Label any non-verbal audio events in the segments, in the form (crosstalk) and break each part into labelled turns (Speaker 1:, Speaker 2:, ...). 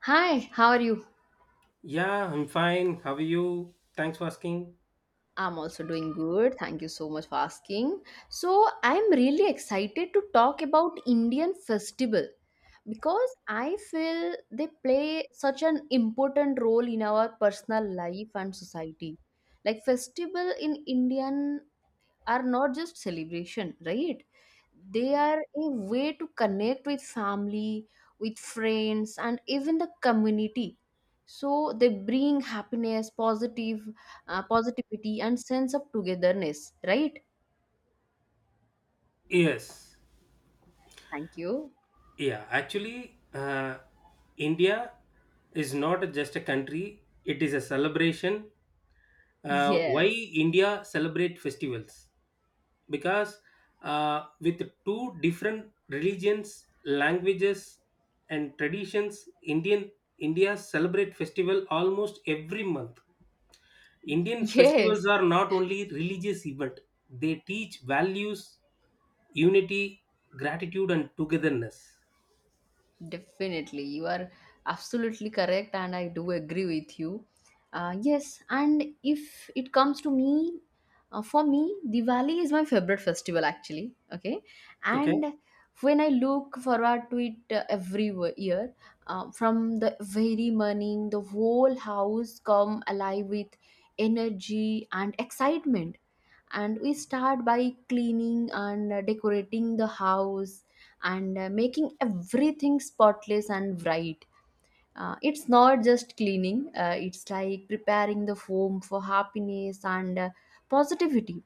Speaker 1: Hi, how are you?
Speaker 2: Yeah, I'm fine. How are you? Thanks for asking.
Speaker 1: I'm also doing good. Thank you so much for asking. I'm really excited to talk about Indian festival because I feel they play such an important role in our personal life and society. Like festival in Indian are not just celebration, right? They are a way to connect with family, with friends, and even the community. So they bring happiness, positivity, and sense of togetherness, right?
Speaker 2: Yes.
Speaker 1: Thank you.
Speaker 2: Yeah, actually, India is not just a country, it is a celebration. Why
Speaker 1: Yes.
Speaker 2: India celebrate festivals? Because with two different religions, languages, and traditions, India celebrate festival almost every month.
Speaker 1: (laughs)
Speaker 2: Indian
Speaker 1: Yes.
Speaker 2: festivals are not only religious event; they teach values, unity, gratitude, and togetherness.
Speaker 1: Definitely, you are absolutely correct, and I do agree with you. Yes, and if it comes to me, for me, Diwali is my favorite festival actually. Okay,
Speaker 2: Okay.
Speaker 1: and when I look forward to it every year, from the very morning, the whole house come alive with energy and excitement, and we start by cleaning and decorating the house and making everything spotless and bright. Uh, it's not just cleaning. Uh, it's like preparing the home for happiness and positivity.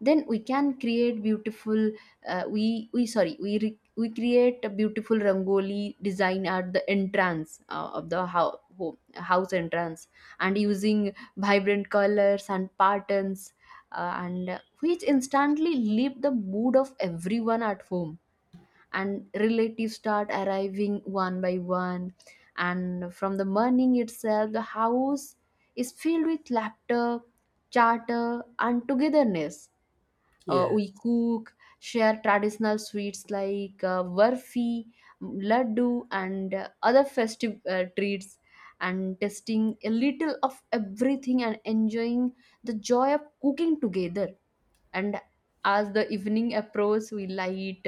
Speaker 1: Then we can create beautiful we sorry we re, we create a beautiful rangoli design at the entrance of the home, house entrance, and using vibrant colors and patterns, and which instantly lift the mood of everyone at home, and relatives start arriving one by one, and from the morning itself the house is filled with laughter, chatter, and togetherness. Uh,
Speaker 2: Yes.
Speaker 1: we cook, share traditional sweets like barfi, laddu, and other festive treats, and tasting a little of everything and enjoying the joy of cooking together. And as the evening approaches, we light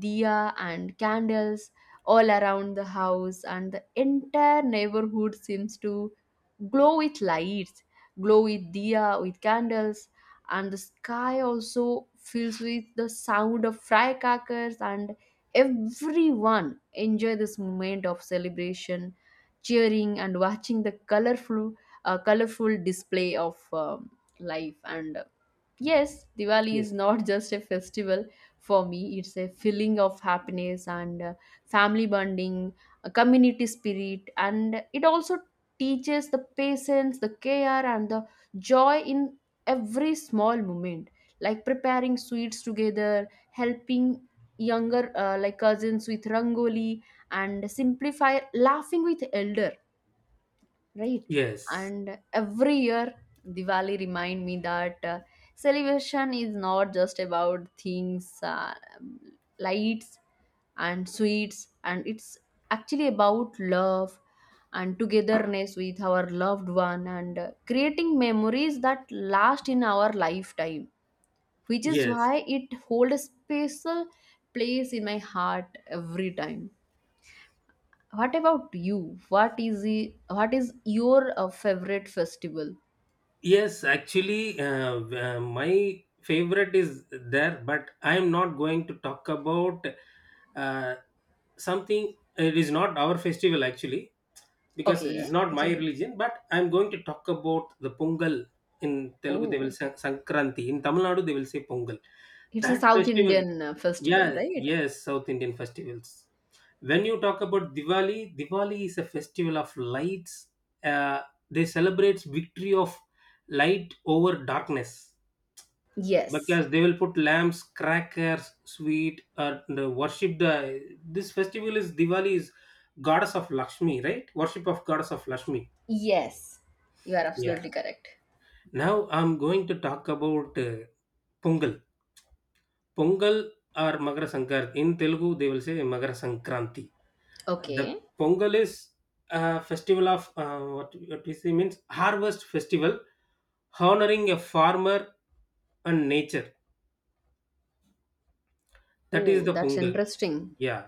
Speaker 1: diya and candles all around the house, and the entire neighborhood seems to glow with lights, glow with diya with candles, and the sky also fills with the sound of firecrackers, and everyone enjoy this moment of celebration, cheering and watching the colorful display of life. And yes, Diwali
Speaker 2: Yes.
Speaker 1: is not (laughs) just a festival. For me, it's a feeling of happiness and family bonding, a community spirit, and it also teaches the patience, the care, and the joy in every small moment, like preparing sweets together, helping younger like cousins with rangoli and simplify laughing with elder, right?
Speaker 2: Yes.
Speaker 1: And every year, Diwali remind me that celebration is not just about things, lights and sweets, and it's actually about love and togetherness with our loved one, and creating memories that last in our lifetime, which is
Speaker 2: Yes.
Speaker 1: why it holds a special place in my heart every time. What about you? What is the what is your favorite festival?
Speaker 2: Yes. Actually, my favorite is there, but I am not going to talk about uh, something. It is not our festival actually, because this is
Speaker 1: Okay,
Speaker 2: not
Speaker 1: it's
Speaker 2: my
Speaker 1: a...
Speaker 2: religion, but I'm going to talk about the Pongal. In Telugu, they will
Speaker 1: Oh,
Speaker 2: say Sankranti. In Tamil Nadu, they will say Pongal.
Speaker 1: it's a
Speaker 2: That
Speaker 1: South
Speaker 2: festival,
Speaker 1: Indian festival,
Speaker 2: yeah,
Speaker 1: right?
Speaker 2: yes, South Indian festivals. When you talk about Diwali, Diwali is a festival of lights. Uh, they celebrate victory of light over darkness
Speaker 1: Yes.
Speaker 2: because they will put lamps, crackers, sweet, and worship the. This festival is Diwali is goddess of Lakshmi, right? Worship of goddess of Lakshmi.
Speaker 1: Yes, you are
Speaker 2: Yeah.
Speaker 1: absolutely correct.
Speaker 2: Now I'm going to talk about Pongal. Pongal or Magara Sankar. In Telugu, they will say Magara Sankranti. The
Speaker 1: Okay.
Speaker 2: Pongal is a festival of what we say means harvest festival, honoring a farmer and nature. That is
Speaker 1: Oh,
Speaker 2: the
Speaker 1: that's
Speaker 2: Pongal.
Speaker 1: interesting.
Speaker 2: Yeah.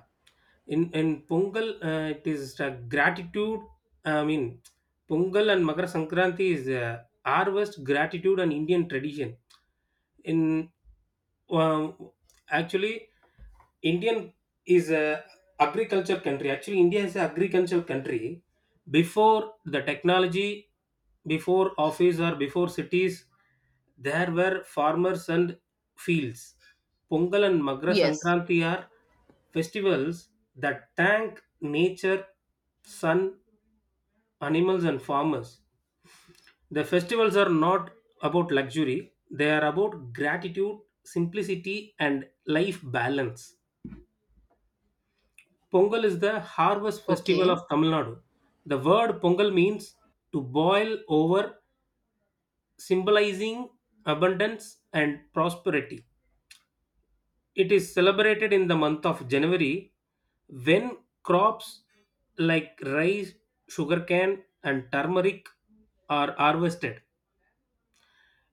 Speaker 2: In Pongal, it is gratitude. I mean, Pongal and Makar Sankranti is harvest gratitude and Indian tradition. In um, actually Indian is a agriculture country. Actually, India is an agriculture country. Before the technology, before office or before cities, there were farmers and fields. Pongal and Magra
Speaker 1: Yes.
Speaker 2: Sankranti are festivals that thank nature, sun, animals, and farmers. The festivals are not about luxury; they are about gratitude, simplicity, and life balance. Pongal is the harvest festival
Speaker 1: Okay.
Speaker 2: of Tamil Nadu. The word Pongal means to boil over, symbolizing abundance and prosperity. It is celebrated in the month of January when crops like rice, sugarcane, and turmeric are harvested.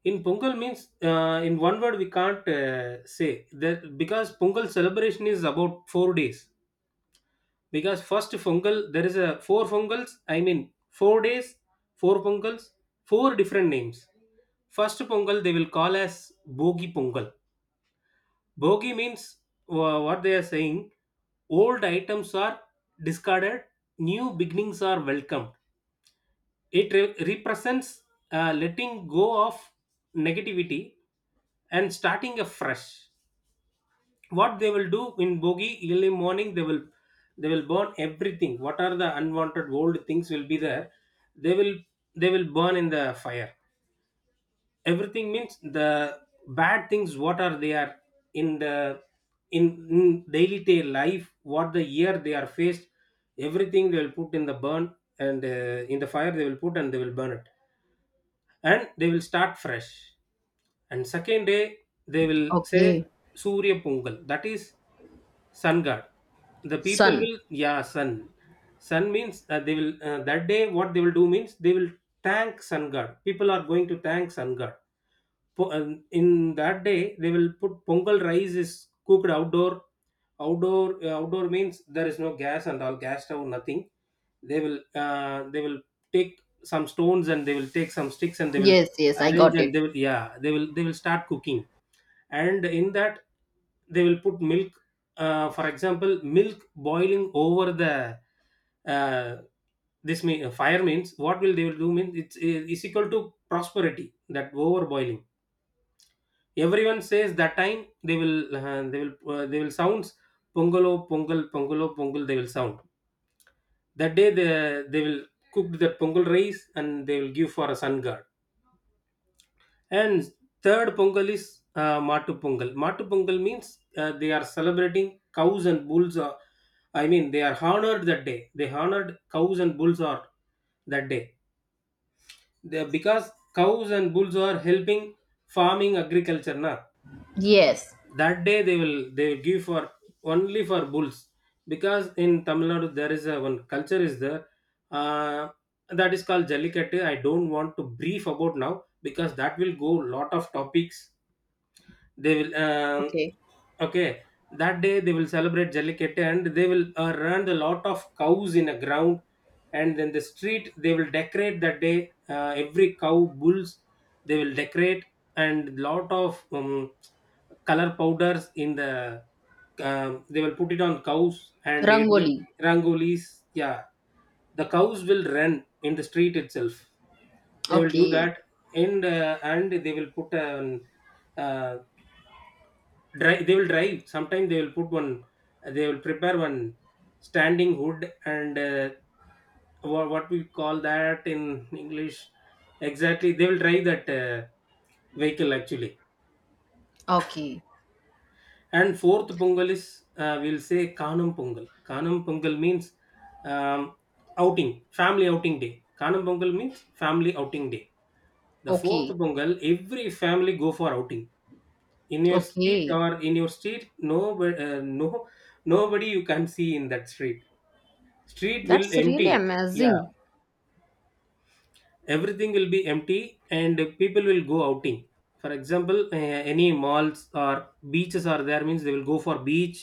Speaker 2: In Pongal means in one word we can't say that because Pongal celebration is about 4 days. Because first fungal there is a four fungals, I mean 4 days, four fungals, four different names. First pongal they will call as bogi pongal. Bogi means what they are saying old items are discarded, new beginnings are welcomed. It represents letting go of negativity and starting afresh. What they will do in bogie early morning, they will burn everything. What are the unwanted old things will be there, they will they will burn in the fire. Everything means the bad things what are they are in the in, in daily day life what the year they are faced, everything they will put in the burn, and in the fire they will put and they will burn it, and they will start fresh. And second day they will say
Speaker 1: Okay.
Speaker 2: surya pongal, that is sun god. The people
Speaker 1: Sun.
Speaker 2: will, yeah, sun. Sun means they will that day what they will do means they will thank sun god. People are going to thank sun god. And in that day they will put pongal rice is cooked outdoor. Outdoor outdoor means there is no gas and all, gas stove nothing. They will take some stones and they will take some sticks and they will
Speaker 1: Yes, yes, I
Speaker 2: arrange,
Speaker 1: got it.
Speaker 2: and they will, yeah, they will start cooking. And in that they will put milk. For example, milk boiling over the uh, this mean, fire means what will they will do means it's is equal to prosperity. That overboiling everyone says, that time they will sounds pongalo pongal, pongalo pongal, they will sound. That day they will cook the pongal rice and they will give for a sun god. And third pongal is matu pongal. Matu pongal means they are celebrating cows and bulls are, I mean they are honored. That day they honored cows and bulls are. That day they, because cows and bulls are helping farming agriculture na.
Speaker 1: Yes.
Speaker 2: That day they will give for only for bulls, because in Tamil Nadu there is a one culture is there, uh, that is called Jallikattu. I don't want to brief about now because that will go lot of topics. They will
Speaker 1: Okay.
Speaker 2: okay, that day they will celebrate Jallikattu and they will run a lot of cows in a ground, and then the street they will decorate that day. Every cow, bulls, they will decorate, and lot of color powders in the. They will put it on cows and it will,
Speaker 1: Rangoli.
Speaker 2: rangolis. Yeah, the cows will run in the street itself. They will do
Speaker 1: Okay.
Speaker 2: that, and they will put a Dri they will drive. Sometimes they will put one, they will prepare one standing hood, and what we call that in English. Exactly, they will drive that vehicle actually.
Speaker 1: Okay.
Speaker 2: And fourth Pongal is we'll say Kanam Pongal. Kanam Pongal means um, outing, family outing day. Kanam Pongal means family outing day. The fourth
Speaker 1: Okay.
Speaker 2: Pongal, every family go for outing in your street,
Speaker 1: Okay.
Speaker 2: or in your street no, no, nobody you can see in that street. Street will
Speaker 1: That's really
Speaker 2: empty.
Speaker 1: amazing.
Speaker 2: Yeah, everything will be empty. And people will go outing. For example, any malls or beaches are there means they will go for beach.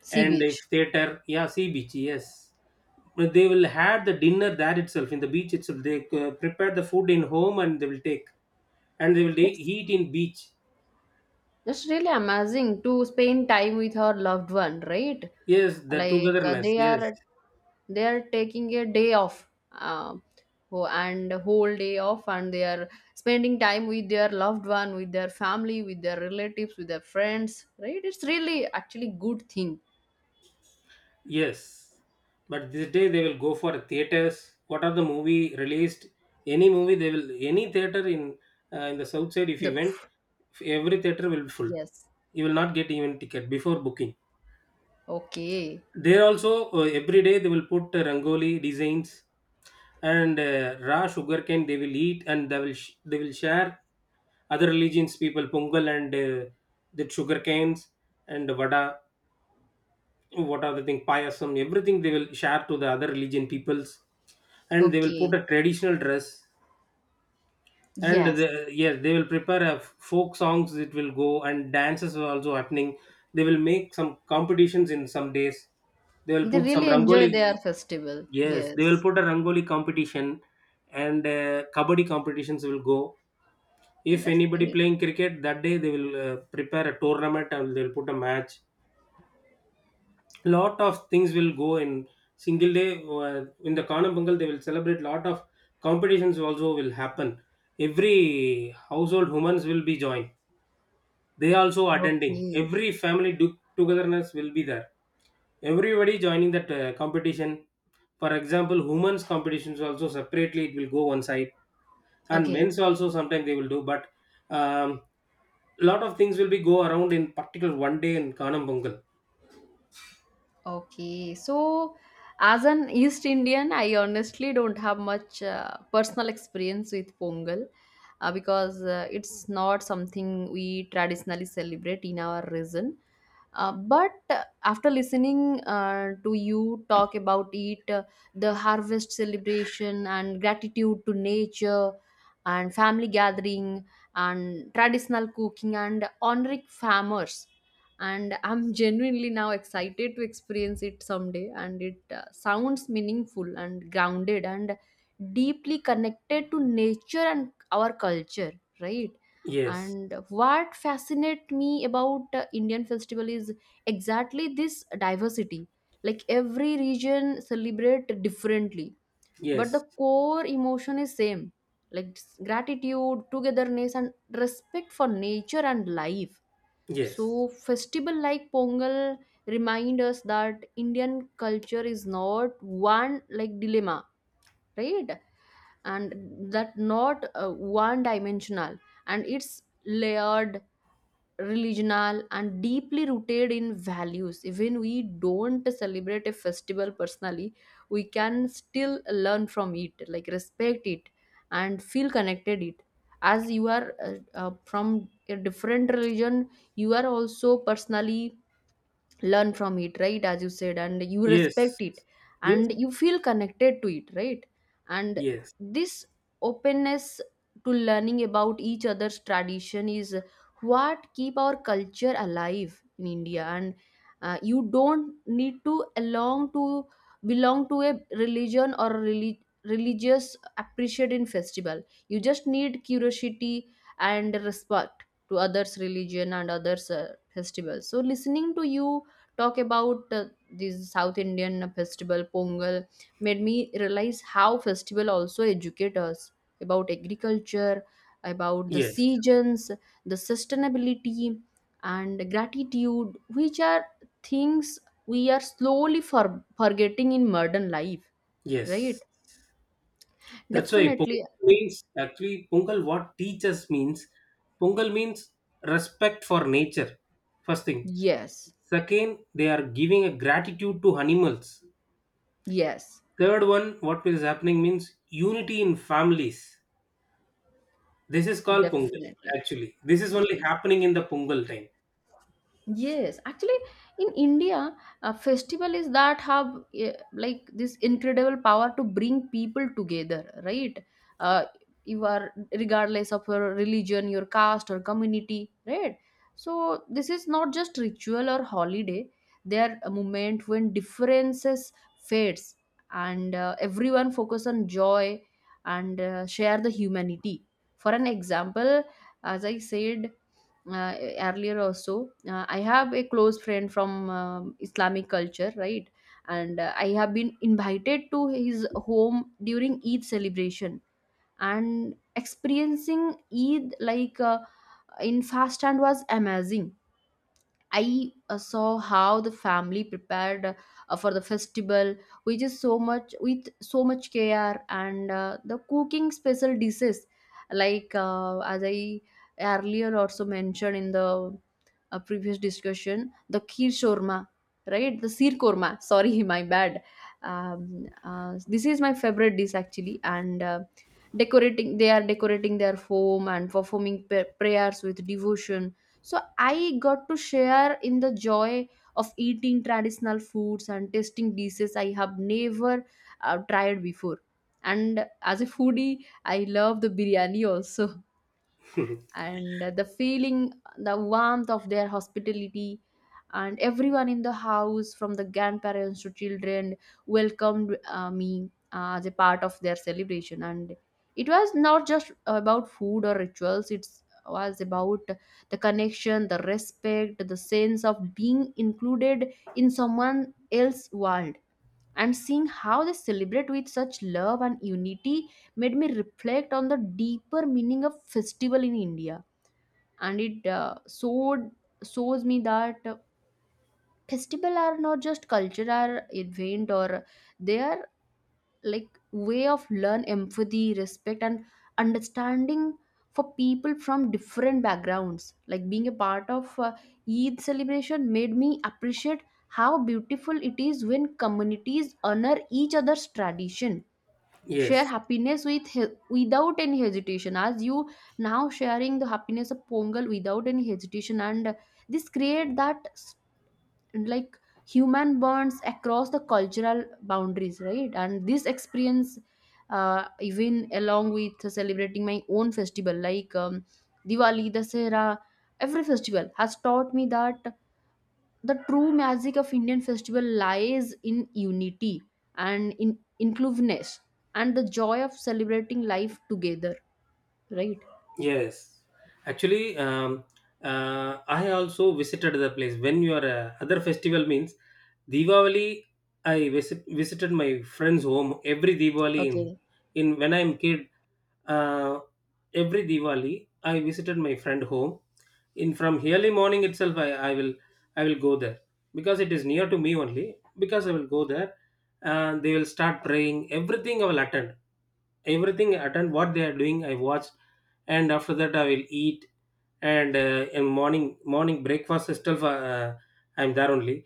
Speaker 1: Sea
Speaker 2: And
Speaker 1: beach.
Speaker 2: if theater, yeah, sea beach, yes. But they will have the dinner there itself. In the beach itself they prepare the food in home and they will take, and they will
Speaker 1: Yes.
Speaker 2: eat in beach.
Speaker 1: It's really amazing to spend time with our loved one, right?
Speaker 2: Yes, the
Speaker 1: Like
Speaker 2: togetherness,
Speaker 1: they
Speaker 2: yes.
Speaker 1: are they are taking a day off, and whole day off, and they are spending time with their loved one, with their family, with their relatives, with their friends, right? It's really actually good thing.
Speaker 2: Yes, but this day they will go for theaters. What are the movie released? Any movie they will, any theater in the south side. If you
Speaker 1: The...
Speaker 2: went, every theater will be full.
Speaker 1: yes,
Speaker 2: You will not get even ticket before booking.
Speaker 1: okay,
Speaker 2: There also every day they will put rangoli designs, and raw sugarcane they will eat, and they will they will share other religions people pongal, and the sugarcanes and vada, what are the thing, payasam, everything they will share to the other religion peoples. And they will put
Speaker 1: okay,
Speaker 2: a traditional dress, and
Speaker 1: yes,
Speaker 2: the, yes, they will prepare a folk songs, it will go, and dances are also happening. They will make some competitions in some days. They will
Speaker 1: they
Speaker 2: put some
Speaker 1: really enjoy
Speaker 2: rangoli.
Speaker 1: their festival.
Speaker 2: Yes, they will
Speaker 1: Yes,
Speaker 2: put a rangoli competition, and kabaddi competitions will go. If
Speaker 1: that's
Speaker 2: anybody
Speaker 1: great.
Speaker 2: playing cricket that day, they will prepare a tournament and they will put a match. Lot of things will go in single day in the Kanam Kanabangal. They will celebrate lot of competitions also will happen. Every household humans will be joined, they also attending,
Speaker 1: Okay,
Speaker 2: every family togetherness will be there. Everybody joining that competition. For example, women's competitions also separately it will go one side, and
Speaker 1: okay.
Speaker 2: men's also sometimes they will do, but um, lot of things will be go around in particular one day in Kanam Pongal.
Speaker 1: Okay, so as an East Indian, I honestly don't have much personal experience with Pongal, because it's not something we traditionally celebrate in our region. But after listening to you talk about it, the harvest celebration and gratitude to nature and family gathering and traditional cooking and honoring farmers, and I'm (laughs) genuinely now excited to experience it someday, and it sounds meaningful and grounded and deeply connected to nature and our culture, right?
Speaker 2: Yes.
Speaker 1: And what fascinates me about Indian festival is exactly this diversity. Like every region celebrate differently, but the
Speaker 2: Yes.
Speaker 1: core emotion is same, like gratitude, togetherness, and respect for nature and life.
Speaker 2: Yes.
Speaker 1: So festival like Pongal remind us that Indian culture is not one, like dilemma, right? And that not one dimensional, and it's layered, religional, and deeply rooted in values. Even we don't celebrate a festival personally, we can still learn from it, like respect it and feel connected it. As you are from a different religion, you are also personally learn from it, right, as you said, and you
Speaker 2: Yes,
Speaker 1: respect it
Speaker 2: yes,
Speaker 1: and you feel connected to it, right? And
Speaker 2: yes,
Speaker 1: this openness to learning about each other's tradition is what keep our culture alive in India. And you don't need to belong to a religion or relig- religious appreciating festival. You just need curiosity and respect to others religion and others festivals. So listening to you talk about these South Indian festival Pongal made me realize how festival also educate us about agriculture, about the
Speaker 2: yes,
Speaker 1: seasons, the sustainability, and gratitude, which are things we are slowly forgetting in modern life, right?
Speaker 2: yes. That's why Pongal
Speaker 1: Definitely,
Speaker 2: means actually Pongal what teaches means, Pongal means respect for nature. First thing.
Speaker 1: yes,
Speaker 2: Second, they are giving a gratitude to animals.
Speaker 1: yes,
Speaker 2: Third one, what is happening means unity in families. This is called Pongal
Speaker 1: definitely,
Speaker 2: actually. This is only
Speaker 1: yes.
Speaker 2: happening in the Pongal time.
Speaker 1: Yes, actually, in India, a festival is that have like this incredible power to bring people together, right? Uh, you are regardless of your religion, your caste, or community, right? So this is not just ritual or holiday. They are a moment when differences fades, and everyone focus on joy and share the humanity. For an example, as I said earlier also, I have a close friend from Islamic culture, right? And I have been invited to his home during Eid celebration, and experiencing Eid, in fast, and was amazing. I saw how the family prepared for the festival, which is so much with so much care, and the cooking special dishes, like as I earlier also mentioned in the previous discussion, the kheer shawarma, right? The seer korma. Sorry, (laughs) my bad. This is my favorite dish actually. And. Decorating, they are decorating their home and performing prayers with devotion. So I got to share in the joy of eating traditional foods and tasting dishes I have never tried before. And as a foodie, I love the biryani also, and the feeling, the warmth of their hospitality, and everyone in the house, from the grandparents to children, welcomed me as a part of their celebration, and it was not just about food or rituals, it was about the connection, the respect, the sense of being included in someone else's world, and seeing how they celebrate with such love and unity made me reflect on the deeper meaning of festival in India. And it showed shows me that festival are not just cultural event, or they are like way of learn empathy, respect, and understanding for people from different backgrounds. Like being a part of Eid celebration made me appreciate how beautiful it is when communities honor each other's tradition,
Speaker 2: (laughs)
Speaker 1: share
Speaker 2: Yes.
Speaker 1: happiness without any hesitation, as you now sharing the happiness of Pongal without any hesitation, and this create that like human bonds across the cultural boundaries, right? And this experience, even along with celebrating my own festival like Diwali, Dasera, every festival has taught me that the true magic of Indian festival lies in unity and in inclusiveness and the joy of celebrating life together, right?
Speaker 2: Yes, actually, I also visited the place when your other festival means Diwali. I visited my friend's home every Diwali.
Speaker 1: Okay.
Speaker 2: In when I'm kid, uh, every Diwali I visited my friend home in from early morning itself. I will go there because it is near to me only, because I will go there, and they will start praying, everything I will attend. Everything I attend what they are doing I watch, and after that I will eat. And in morning morning breakfast itself, I'm there only.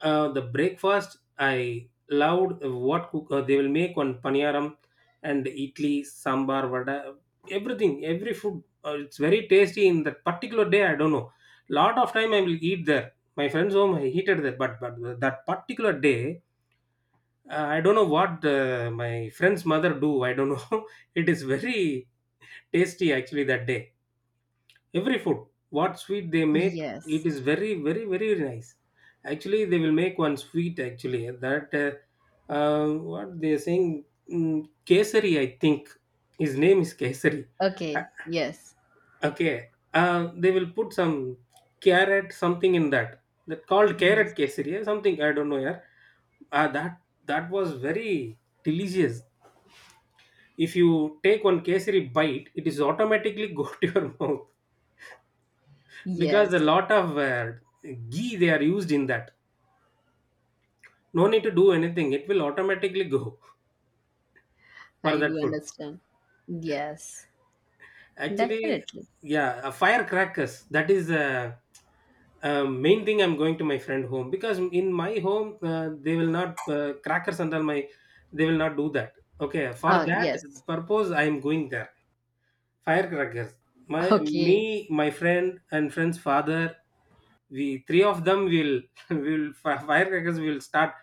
Speaker 2: The breakfast I loved what cook, they will make on paniyaram and idli, sambar, vada, everything, every food. It's very tasty in that particular day. I don't know. Lot of time I will eat there, my friend's home I heated there, but that particular day, I don't know what my friend's mother do. I don't know. (laughs) It is very tasty actually that day, every food, what sweet they make.
Speaker 1: Yes.
Speaker 2: It is very nice. Actually they will make one sweet actually that what they are saying. mm, Kesari I think. His name is kesari. Uh,
Speaker 1: Okay. Yes.
Speaker 2: okay, they will put some carrot something in that, that called carrot
Speaker 1: Yes.
Speaker 2: kesari, something I don't know, yeah. That, that was very delicious. If you take one kesari bite, it is automatically (laughs) go to your mouth, because a
Speaker 1: Yes.
Speaker 2: lot of ghee they are used in that. No need to do anything, it will automatically go (laughs) for
Speaker 1: I do
Speaker 2: that food
Speaker 1: understand. Yes.
Speaker 2: actually.
Speaker 1: Definitely.
Speaker 2: Yeah, firecrackers, that is main thing. I'm going to my friend home because in my home they will not, crackers under my, they will not do that. Okay, for
Speaker 1: Ah,
Speaker 2: that
Speaker 1: yes.
Speaker 2: purpose I am going there. Firecrackers, my,
Speaker 1: Okay.
Speaker 2: me, my friend and friend's father, we three of them will (laughs) will firecrackers will start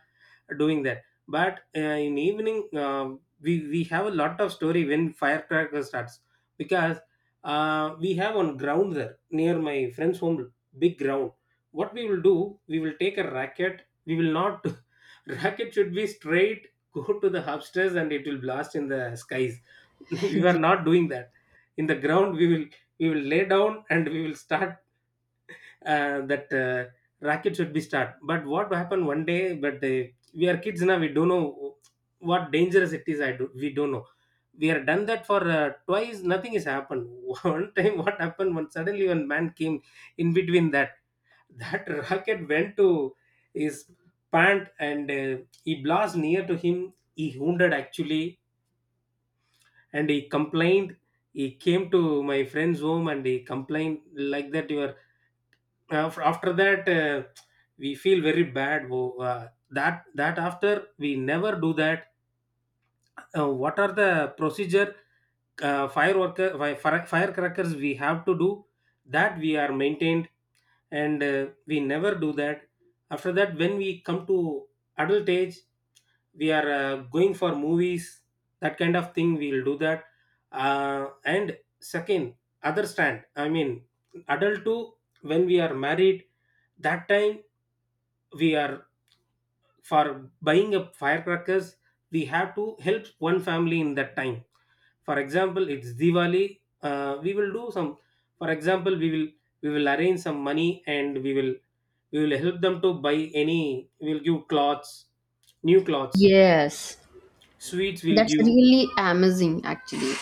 Speaker 2: doing that. But in evening, we have a lot of story when firecracker starts, because we have on ground there near my friend's home, big ground. What we will do, we will take a racket, we will not (laughs) racket should be straight, go to the upstairs and it will blast in the skies. (laughs)
Speaker 1: (laughs)
Speaker 2: We are
Speaker 1: Ye-
Speaker 2: not doing that. In the ground we will, we will lay down and we will start that racket should be start. But what happened one day? But we are kids now. We don't know what dangerous it is. I do. We don't know. We are done that for twice. Nothing has happened. (laughs) One time, what happened? When suddenly one man came in between that. That (laughs) rocket went to his pant, and he blast near to him. He wounded actually, and he complained, he came to my friend's home and he complained like that. Your af after that we feel very bad, that after we never do that. What are the procedure, firecrackers we have to do, that we are maintained, and we never do that. After that, when we come to adult age, we are going for movies, that kind of thing we will do that. And second other stand I mean, adult too. When we are married, that time we are, for buying up firecrackers, we have to help one family in that time. For example, it's diwali, we will do some, for example we will, we will arrange some money and we will, we will help them to buy any, we will give clothes, new clothes,
Speaker 1: Yes.
Speaker 2: sweets will
Speaker 1: That's
Speaker 2: give.
Speaker 1: really amazing, actually.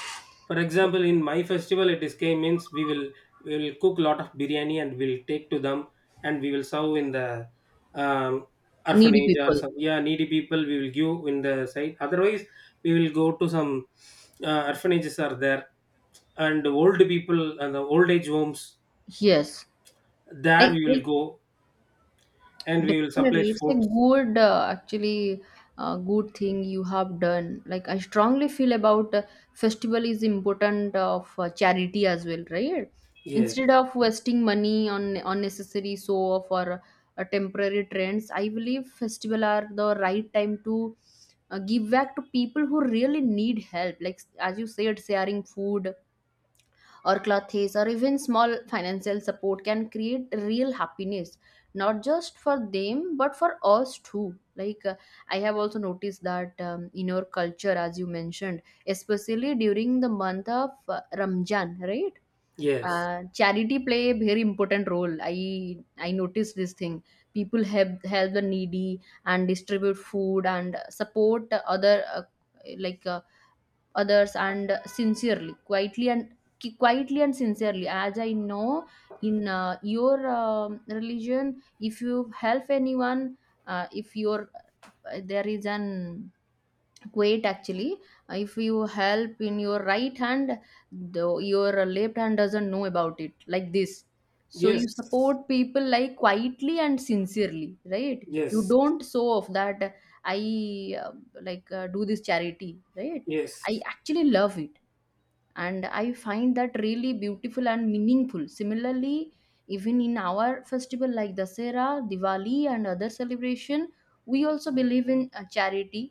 Speaker 2: For example, in my festival, it is came means, we will, we will cook lot of biryani and we'll take to them, and we will serve in the um,
Speaker 1: Needy
Speaker 2: orphanage, or
Speaker 1: people.
Speaker 2: some yeah, needy people we will give in the site. Otherwise, we will go to some orphanages are there, and old people and the old age homes.
Speaker 1: Yes.
Speaker 2: There
Speaker 1: I,
Speaker 2: we will
Speaker 1: I
Speaker 2: go and we will supply
Speaker 1: definitely, it's a
Speaker 2: food.
Speaker 1: good actually good thing you have done. Like I strongly feel about festival is important of charity as well, right?
Speaker 2: Yes,
Speaker 1: Instead of wasting money on unnecessary show off or temporary trends, I believe festival are the right time to give back to people who really need help. Like as you said, sharing food or clothes or even small financial support can create real happiness, not just for them but for us too. Like I have also noticed that in our culture, as you mentioned, especially during the month of Ramjan, right?
Speaker 2: yes,
Speaker 1: Charity play a very important role. I noticed this thing. People help the needy and distribute food and support other, like uh, others, and sincerely, quietly and quietly and sincerely. As I know, in your religion, if you help anyone, if your there is an quote actually, if you help in your right hand, though your left hand doesn't know about it, like this. So you
Speaker 2: yes,
Speaker 1: support people like quietly and sincerely, right? You
Speaker 2: yes,
Speaker 1: don't show off that, I like do this charity, right? I
Speaker 2: yes,
Speaker 1: actually love it, and I find that really beautiful and meaningful. Similarly, even in our festival like Dasera, Diwali, and other celebration, we also believe in charity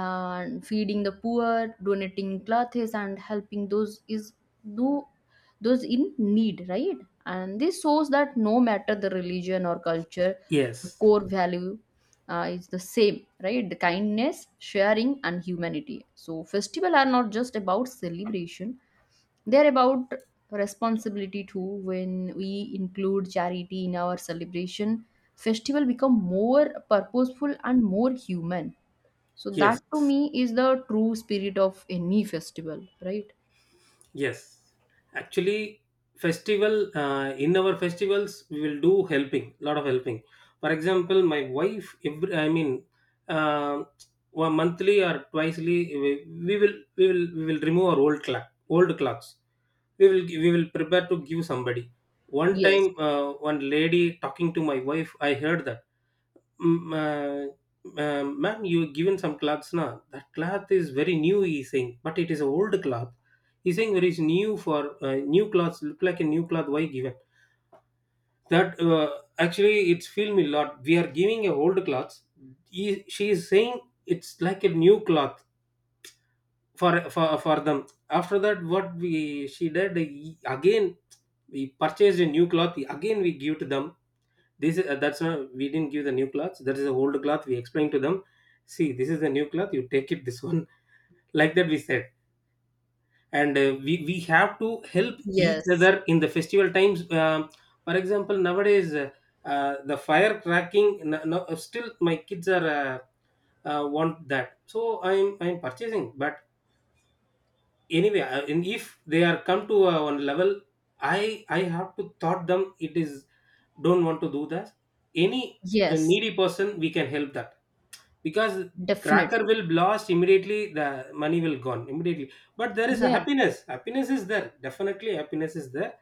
Speaker 1: and feeding the poor, donating clothes, and helping those is do those in need, right? And this shows that no matter the religion or culture, the
Speaker 2: yes,
Speaker 1: core value is the same, right? The kindness, sharing, and humanity. So festival are not just about celebration; they are about responsibility too. When we include charity in our celebration, festival become more purposeful and more human. So that
Speaker 2: yes.
Speaker 1: to me is the true spirit of any festival, right?
Speaker 2: Yes, actually, festival in our festivals we will do helping, lot of helping. For example, my wife, every, I mean, uh, one monthly or twicely, we will we will remove our old clock, old clocks. We will, we will prepare to give somebody. One
Speaker 1: Yes,
Speaker 2: time, one lady talking to my wife, I heard that. Ma'am, you were given some cloths na, that cloth is very new, he's saying, but it is an old cloth, he's saying. There is new for new clothes, look like a new cloth, why given that. Actually it's film a lot, we are giving a old clothes, he, she is saying it's like a new cloth for them. After that, what we she did, again we purchased a new cloth, again we give to them. This is, that's not, we didn't give the new cloth, that is the old cloth, we explained to them. See, this is the new cloth, you take it, this one. (laughs) Like that we said. And we have to help each
Speaker 1: yes,
Speaker 2: other in the festival times. For example nowadays, the fire cracking, no, no, still my kids are want that, so I'm purchasing. But anyway, and if they are come to one level, i I have to thought them, it is, don't want to do that. Any
Speaker 1: yes,
Speaker 2: needy person we can help that, because cracker
Speaker 1: definitely.
Speaker 2: will blast immediately, the money will gone immediately, but there is a
Speaker 1: Yes,
Speaker 2: happiness, happiness is there, definitely happiness is there.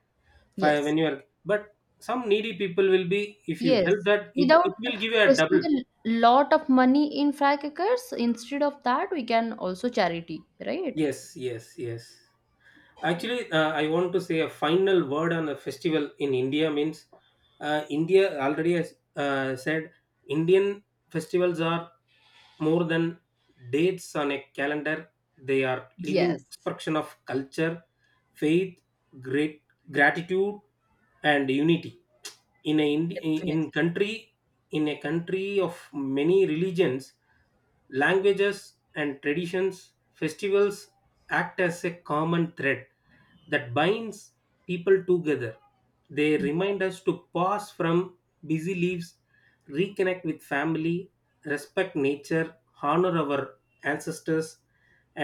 Speaker 1: yes.
Speaker 2: When you are, but some needy people will be, if you help
Speaker 1: Yes,
Speaker 2: that, it,
Speaker 1: without
Speaker 2: it will give you a
Speaker 1: wasting
Speaker 2: double.
Speaker 1: a lot of money in firecrackers, instead of that, we can also charity, right?
Speaker 2: Yes. Actually, I want to say a final word on the festival in India means, India already has said Indian festivals are more than dates on a calendar. They are living
Speaker 1: Yes,
Speaker 2: expression of culture, faith, great gratitude and unity. In a in
Speaker 1: definitely.
Speaker 2: country, in a country of many religions, languages and traditions, festivals act as a common thread that binds people together. They
Speaker 1: Yeah.
Speaker 2: remind us to pause from busy lives, reconnect with family, respect nature, honor our ancestors,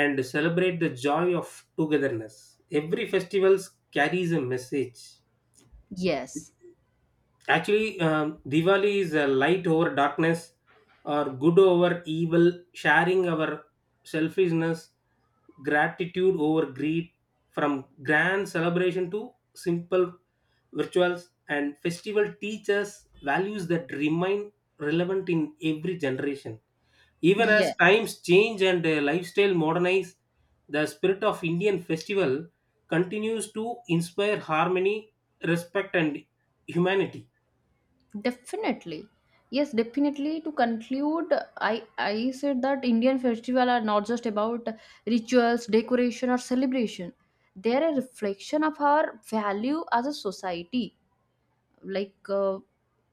Speaker 2: and celebrate the joy of togetherness. Every festival carries a message.
Speaker 1: Yes,
Speaker 2: Actually, Diwali is a light over darkness, or good over evil, sharing our selfishness, gratitude over greed, from grand celebration to simple rituals, and festival teaches values that remain relevant in every generation. Even
Speaker 1: yeah,
Speaker 2: as times change and lifestyle modernize, the spirit of Indian festival continues to inspire harmony, respect, and humanity.
Speaker 1: definitely. Yes, definitely. To conclude, I said that Indian festival are not just about rituals, decoration, or celebration. They're a reflection of our value as a society. Like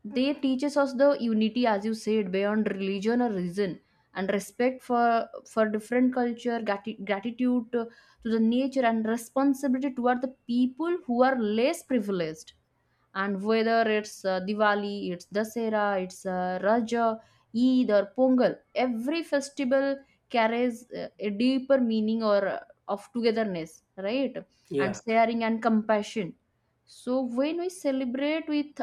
Speaker 1: they teaches us the unity, as you said, beyond religion or reason, and respect for different culture, gratitude to the nature, and responsibility toward the people who are less privileged. And whether it's Diwali, it's Dasera, it's Raja, Eid, or Pongal, every festival carries a deeper meaning or of togetherness, right? And
Speaker 2: Yeah,
Speaker 1: sharing and compassion. So when we celebrate with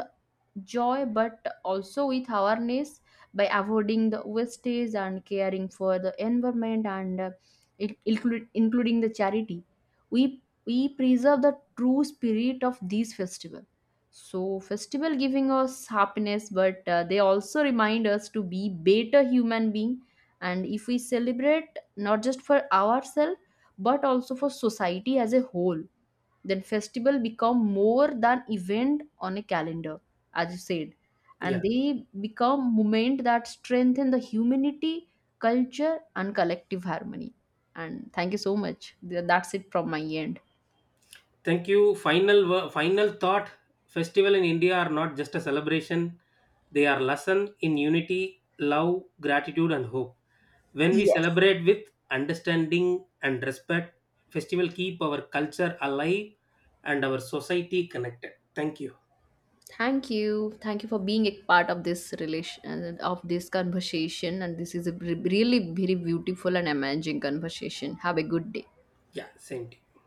Speaker 1: joy but also with awareness, by avoiding the wastage and caring for the environment, and including the charity, we preserve the true spirit of these festival. So festival giving us happiness, but they also remind us to be better human being. And if we celebrate not just for ourselves but also for society as a whole, then festival become more than event on a calendar, as you said, and
Speaker 2: yeah.
Speaker 1: they become moment that strengthen the humanity, culture, and collective harmony. And thank you so much. That's it from my end.
Speaker 2: Thank you. Final final thought. Festival in India are not just a celebration; they are lesson in unity, love, gratitude, and hope. When we
Speaker 1: Yes.
Speaker 2: celebrate with understanding and respect, festival keep our culture alive and our society connected. Thank you.
Speaker 1: Thank you. Thank you for being a part of this relation, of this conversation, and this is a really very beautiful and amazing conversation. Have a good day.
Speaker 2: Yeah, same to you.